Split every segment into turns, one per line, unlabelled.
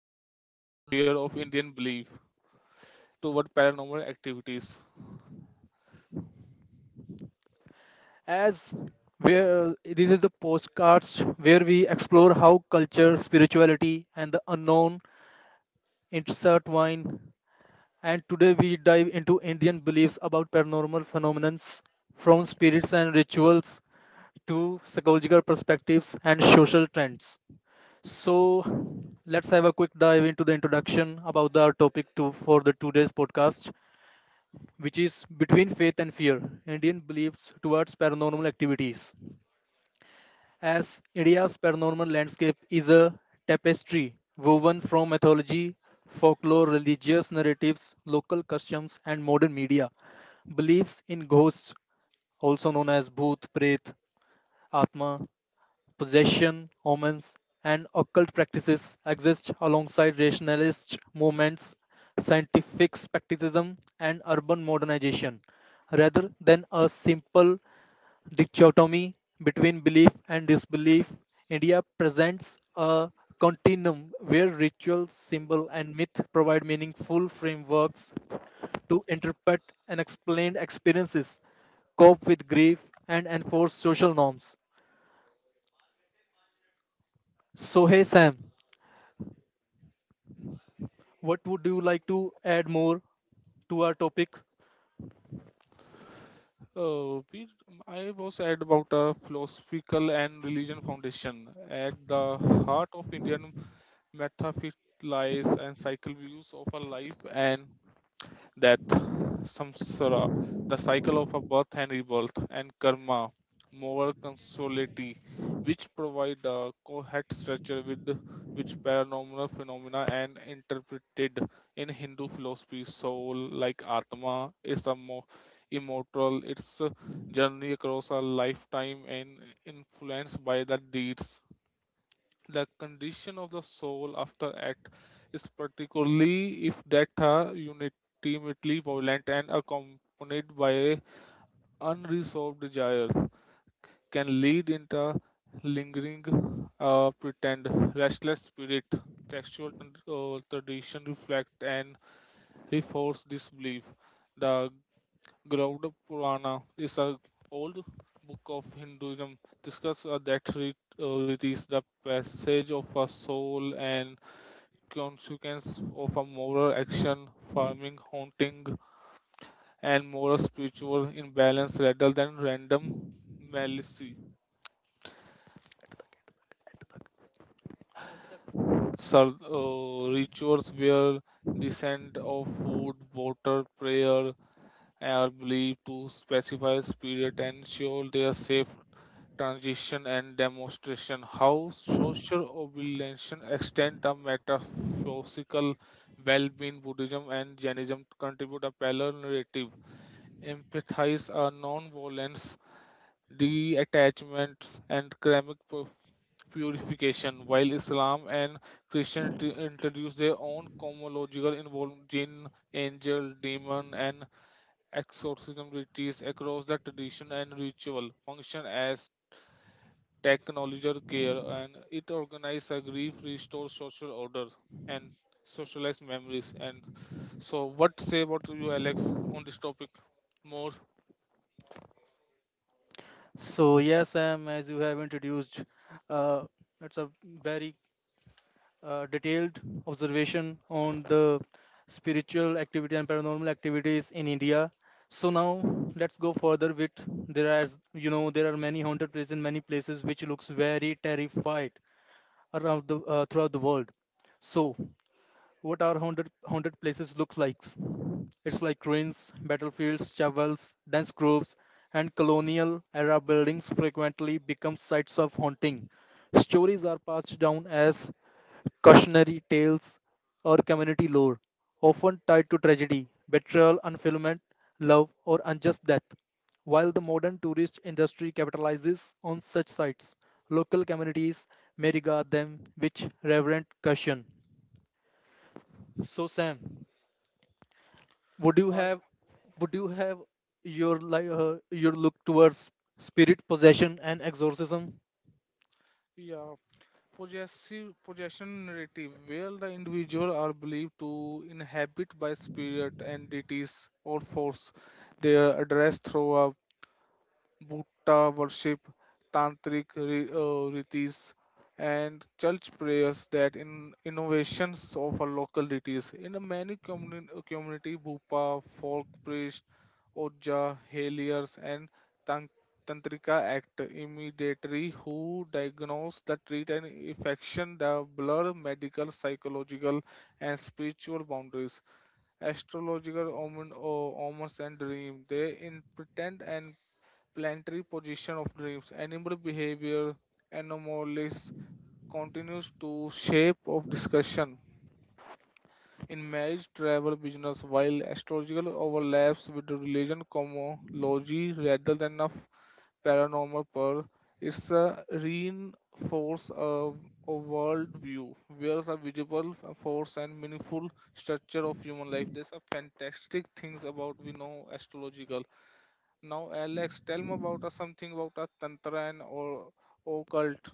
The faith and fear of Indian belief toward paranormal activities.
as where it is the postcards where we explore how culture, spirituality, and the unknown intertwine, and today we dive into Indian beliefs about paranormal phenomena, from spirits and rituals to psychological perspectives and social trends. So, let's have a quick dive into the introduction about our topic to, for the today's podcast, which is between faith and fear, Indian beliefs towards paranormal activities, as India's paranormal landscape is a tapestry woven from mythology, folklore, religious narratives, local customs, and modern media. Beliefs in ghosts, also known as bhoot, preet, atma, possession, omens, and occult practices, exist alongside rationalist movements, scientific skepticism, and urban modernization. Rather than a simple dichotomy between belief and disbelief, India presents a continuum where ritual, symbol, and myth provide meaningful frameworks to interpret and explain experiences, cope with grief, and enforce social norms. So, hey Sam, what would you like to add more to our topic?
Uh, we, I was at about a philosophical and religion foundation. At the heart of Indian metaphysics lies and cycle views of our life and death, samsara, the cycle of a birth and rebirth, and karma, moral consolity, which provide a coherent structure with which paranormal phenomena and interpreted in Hindu philosophy. Soul, like Atma, is a more immortal. Its journey across a lifetime and influenced by the deeds the condition of the soul after act is particularly if that are ultimately violent and accompanied by unresolved desires can lead into lingering pretend restless spirit textual tradition reflect and reinforce this belief the Garuda Purana is an old book of Hinduism discuss it is the passage of a soul and consequence of a moral action forming haunting and moral spiritual imbalance rather than random malice. So, rituals where descent of food, water, prayer are believed to specify spirit and ensure their safe transition and demonstration. How social obligation extend a metaphysical well-being Buddhism and Jainism contribute a parallel narrative empathize are non-violence, detachment, and purification, while Islam and Christianity introduce their own cosmological involvement jinn, angel, demon, and exorcism rituals across the tradition and ritual function as technological care, and it organizes a grief, restore social order, and socialize memories. And so, what say about you, Alex, on this topic? More.
So, yes, Sam, as you have introduced, uh, it's a very detailed observation on the spiritual activity and paranormal activities in India. So now let's go further with there are, as you know, there are many haunted places in many places which looks very terrified around the throughout the world. So what are haunted places looks like? It's like ruins, battlefields, chapels, dense groves, and colonial era buildings frequently become sites of haunting. Stories are passed down as cautionary tales or community lore, often tied to tragedy, betrayal, unfulfillment, love, or unjust death. While modern tourist industry capitalizes on such sites, local communities may regard them with reverent caution. So, Sam, would you
I
have would you have your your look towards spirit possession and exorcism?
yeah, possessive possession narrative, where the individual are believed to inhabit by spirit, entities, or force. They are addressed through a Buddha worship, tantric rites, and church prayers that in innovations of a local deities. In a many community, Bhupa, folk priest, Oja, Heliers, and tan- Tantrika act immediately who diagnose the treat and infection the blur medical, psychological, and spiritual boundaries astrological omens and dream they interpret and planetary position of dreams, animal behavior, anomalies continues to shape of discussion in marriage, travel, business, while astrological overlaps with the religion cosmology rather than a paranormal per it's a reinforce of a world view where a visible force and meaningful structure of human life. There's a fantastic things about we know astrological now, Alex, tell me about something about a tantra and or occult.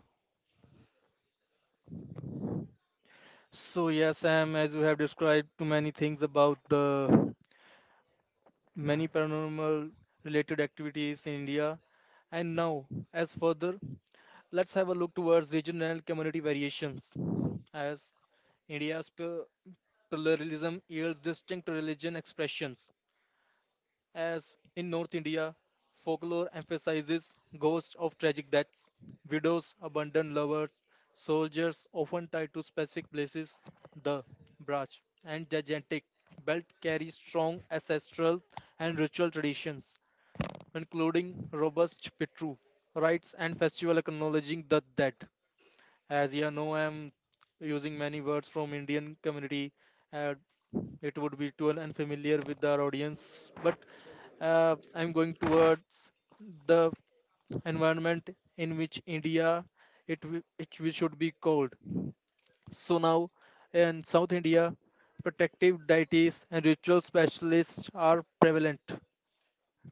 So yes, Sam, as you have described too many things about the many paranormal related activities in India. And now, as further, let's have a look towards regional and community variations. As India's pluralism yields distinct religion expressions, as in North India, folklore emphasizes ghosts of tragic deaths, widows, abandoned lovers, soldiers often tied to specific places. The brach and gigantic belt carry strong ancestral and ritual traditions, including robust pitru rites and festival acknowledging the dead. As you know, I'm using many words from Indian community. Uh, it would be too unfamiliar with our audience, but I'm going towards the environment in which India should be called. So now in South India, protective deities and ritual specialists are prevalent.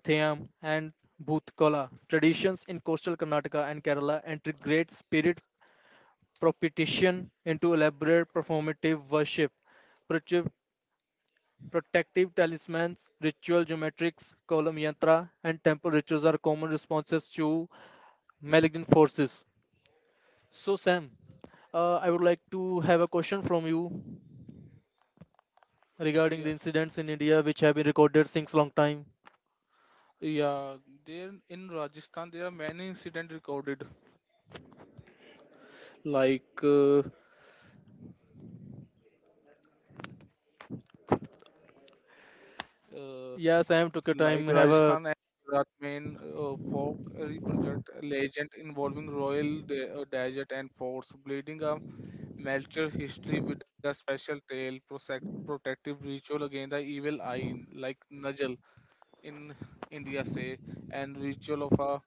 Theyam and Bhutkala traditions in coastal Karnataka and Kerala integrate spirit propitiation into elaborate performative worship. Protec- Protective talismans, ritual geometrics, column yantra, and temple rituals are common responses to malignant forces. So, Sam, I would like to have a question from you regarding the
Yeah,
incidents in India which have been recorded since long time.
yeah. There in Rajasthan, there are many incidents recorded, like uh, uh,
Yeah, Sam, took your
like
time. Have a
Rajasthan and Gujarat main folk reproject legend involving royal desert and forts, bleeding a mature history with a special tale, protective ritual against the evil eye, like Najal in India, say, and ritual of a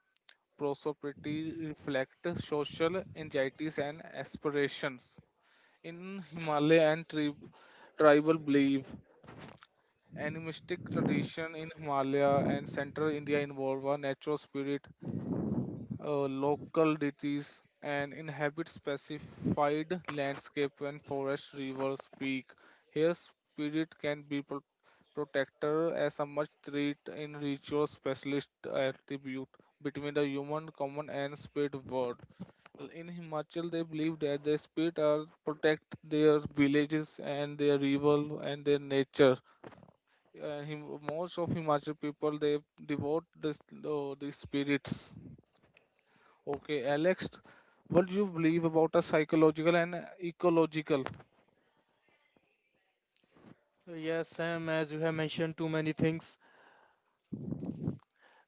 prosperity reflect social anxieties and aspirations. In Himalaya and tribal belief, animistic tradition in Himalaya and central India involve a natural spirit local deities and inhabit specified landscape and forest, rivers, peak. Here, spirit can be protector as a much treat in ritual specialist attribute between the human common and spirit world. In Himachal, they believe that the spirit are protect their villages and their river and their nature. Most of Himachal people they devote this these spirits. Okay, Alex, what do you believe about a psychological and ecological?
yes, Sam. As you have mentioned, too many things.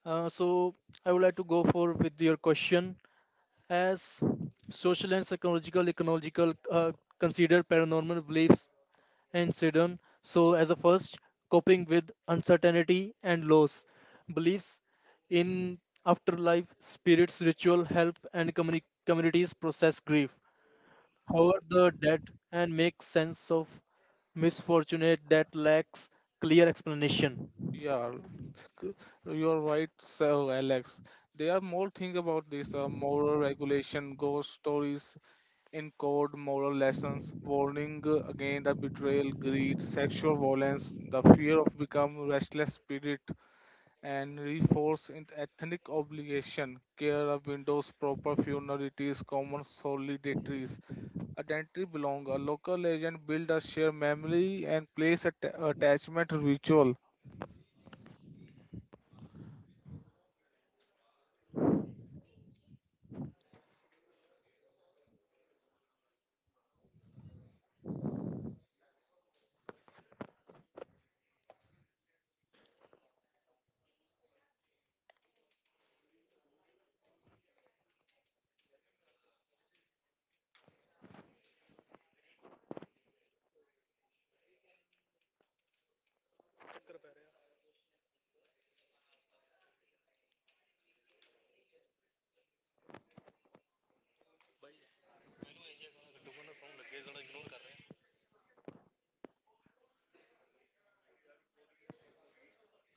So I would like to go for with your question. As social and psychological ecological consider paranormal beliefs and Sidon. So as a first, coping with uncertainty and loss, beliefs in afterlife, spirits, ritual, help, and communities process grief, however the dead, and make sense of misfortunate that lacks clear explanation.
Yeah, you're right, so Alex. There are more things about this moral regulation, ghost stories, encode moral lessons, warning against the betrayal, greed.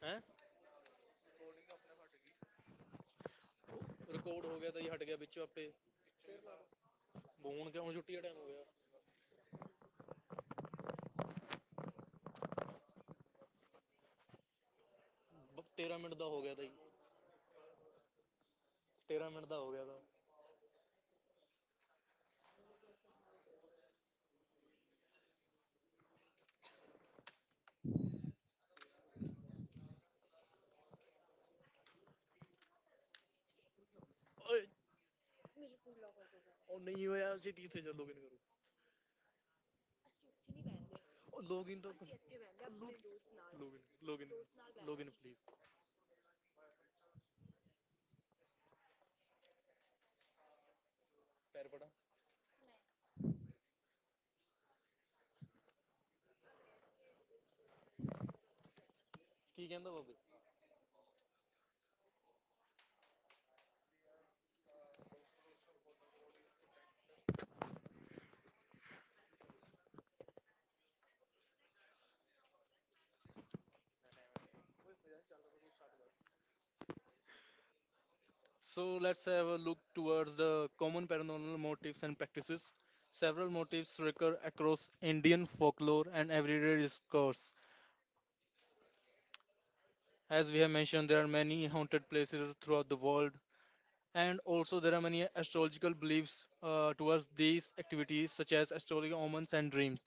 ਹੈਂ? Record ਹੋ ਗਿਆ ਤਾਂ ਜੀ ਹਟ ਗਿਆ ਵਿੱਚੋਂ ਆਪੇ ਹੁਣ ਕਿਉਂ ਛੁੱਟੀ ਦਾ ਟਾਈਮ ਹੋ ਗਿਆ 13 ਮਿੰਟ ਦਾ ਹੋ ਗਿਆ ਤਾਂ ਜੀ. 13 ਮਿੰਟ ਦਾ ਹੋ ਗਿਆ. ओ नहीं. ओ log in तो. Log in. Log in please. ਕੀ ਕਹਿੰਦਾ ਬਾਬੇ. So let's have a look towards the common paranormal motifs and practices. Several motifs recur across Indian folklore and everyday discourse. As we have mentioned, there are many haunted places throughout the world, and also there are many astrological beliefs towards these activities, such as astrological omens and dreams.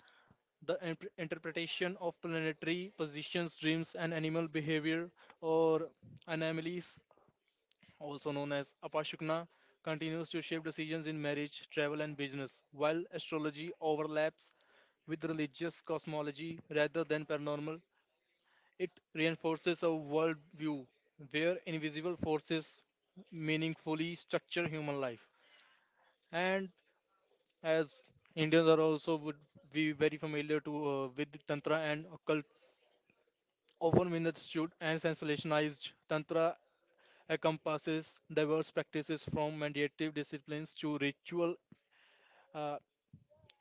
The interpretation of planetary positions, dreams, and animal behavior or anomalies, also known as apashukna, continues to shape decisions in marriage, travel, and business, while astrology overlaps with religious cosmology rather than paranormal. It reinforces a worldview where invisible forces meaningfully structure human life. And as Indians are also would be very familiar to with Tantra and occult. Often misunderstood and sensationalized, Tantra encompasses diverse practices from meditative disciplines to ritual uh,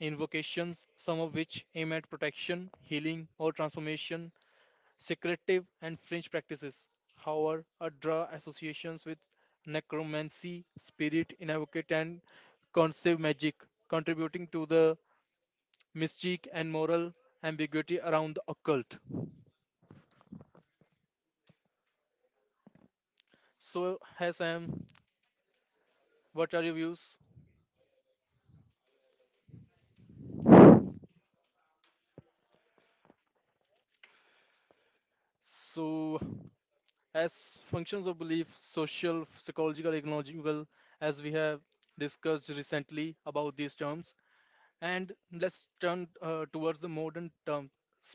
invocations, some of which aim at protection, healing, or transformation, secretive and fringe practices. However, a draw associations with necromancy, spirit invocation, and conceive magic, contributing to the mystique and moral ambiguity around the occult. So, Hassan, what are your views? So, as functions of belief, social, psychological, ecological, as we have discussed recently about these terms, and let's turn towards the modern term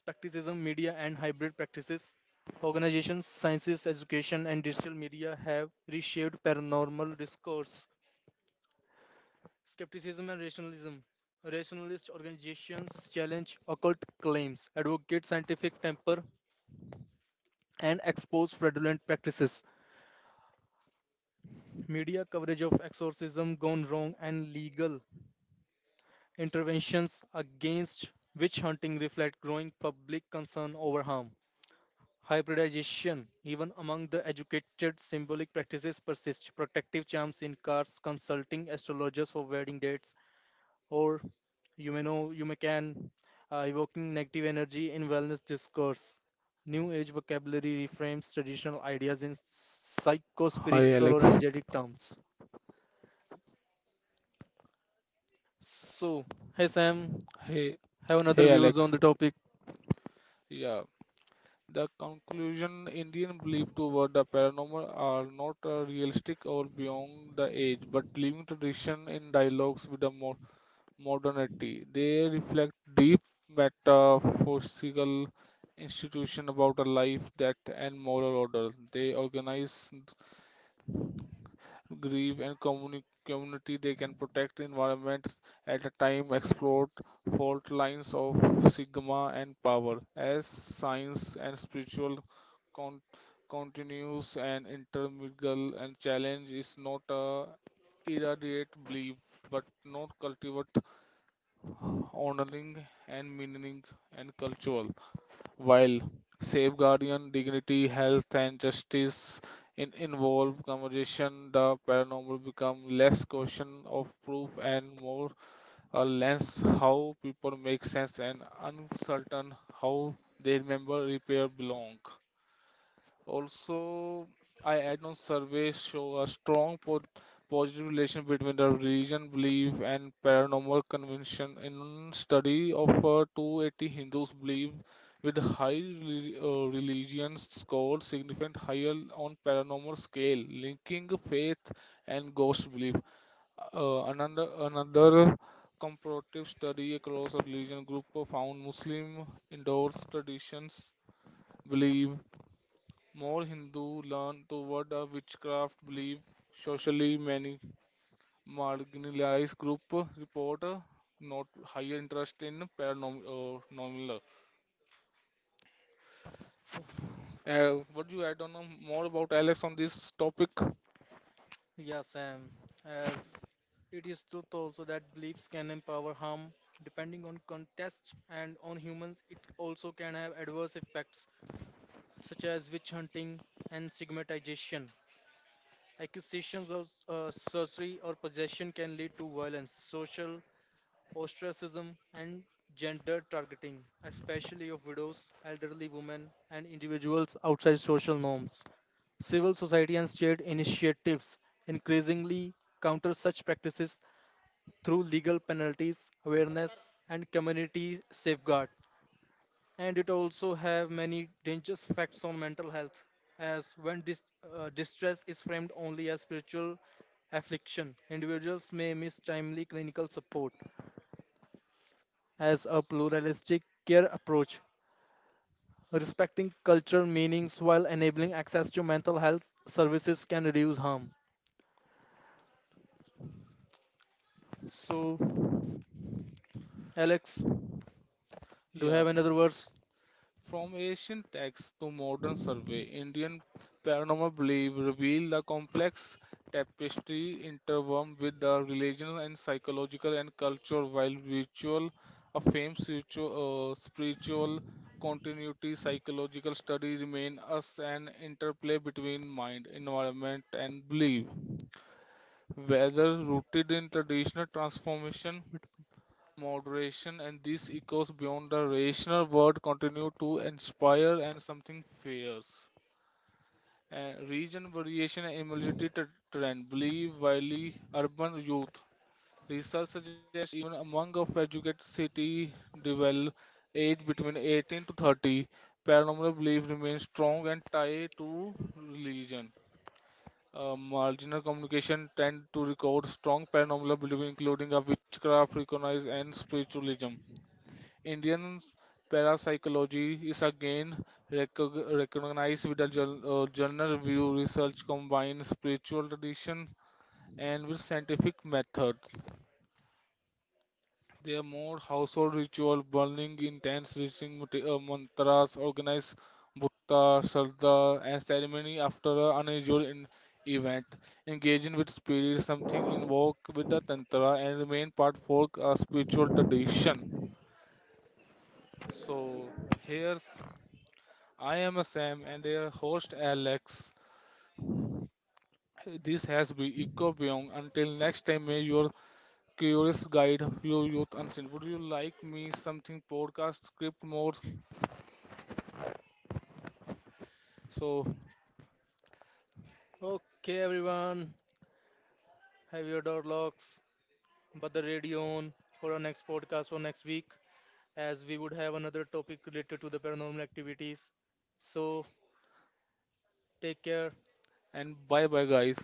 practicism, media, and hybrid practices. Organizations, sciences, education, and digital media have reshaped paranormal discourse. Skepticism and rationalism. Rationalist organizations challenge occult claims, advocate scientific temper, and expose fraudulent practices. Media coverage of exorcism gone wrong and legal interventions against witch hunting reflect growing public concern over harm. Hybridization, even among the educated, symbolic practices persist. Protective charms in cards, consulting astrologers for wedding dates, or you may know you may can evoking negative energy in wellness discourse. New age vocabulary reframes traditional ideas in psycho
Hi
spiritual or
Alex.
energetic terms. So, hey Sam,
Hey,
have another
hey
views on
Alex.
the topic?
Yeah. The conclusion Indian belief toward the paranormal are not realistic or beyond the age, but living tradition in dialogues with the modernity. They reflect deep metaphysical institution about a life, death, and moral order. They organize grieve and community they can protect environments at a time explore fault lines of sigma and power as science and spiritual con- continues and intermingle and challenge is not a irradiate belief but not cultivate honoring and meaning and cultural while safeguarding dignity, health, and justice in involve conversation, the paranormal become less question of proof and more a lens how people make sense and uncertain how they remember repair belong. Also, I add on surveys show a strong positive relation between the religion belief and paranormal convention. In study of 280 Hindus believe with high religion score significant higher on paranormal scale, linking faith and ghost belief. Another comparative study across a religion group found Muslim endorsed traditions believe more Hindu learn toward a witchcraft belief. Socially many marginalized group report not higher interest in paranormal. Normal. What do you add on more about Alex on this topic?
Yeah, Sam. As it is truth also that beliefs can empower harm depending on context and on humans, it also can have adverse effects such as witch hunting and stigmatization. Accusations of sorcery or possession can lead to violence, social ostracism, and gender targeting, especially of widows, elderly women, and individuals outside social norms. Civil society and state initiatives increasingly counter such practices through legal penalties, awareness, and community safeguard. And it also have many dangerous facts on mental health, as when distress is framed only as spiritual affliction, individuals may miss timely clinical support as a pluralistic care approach, respecting cultural meanings while enabling access to mental health services can reduce harm. So, Alex, do you
Yeah,
have another verse?
from ancient texts to modern survey, Indian paranormal belief reveal the complex tapestry interwoven with the religion and psychological and culture, while ritual affirms spiritual, spiritual continuity. Psychological study remain us an interplay between mind, environment, and belief, whether rooted in traditional transformation moderation, and these echoes beyond the rational world continue to inspire and something fierce. And region variation and immunity trend, believe widely urban youth. Research suggests even among of educated city dwell age between 18 to 30, paranormal belief remains strong and tied to religion. Marginal communication tend to record strong paranormal belief, including a witchcraft, recognize, and spiritualism. Indian parapsychology is again recognized with the journal view research combines spiritual tradition and with scientific methods. There are more household ritual, burning intense reciting mantras, organized bhutta, shraddha, and ceremony after an unusual event. Engaging with spirit, something involved with the tantra, and remain part folk a spiritual tradition. So here's I am Sam and your host Alex. This has been Eco Beyond. Until next time, may your curious guide your youth unseen. Would you like me something podcast script more? So
Okay, everyone, have your door locks, but the radio on for our next podcast for next week, as we would have another topic related to the paranormal activities. So, take care.
and bye bye guys.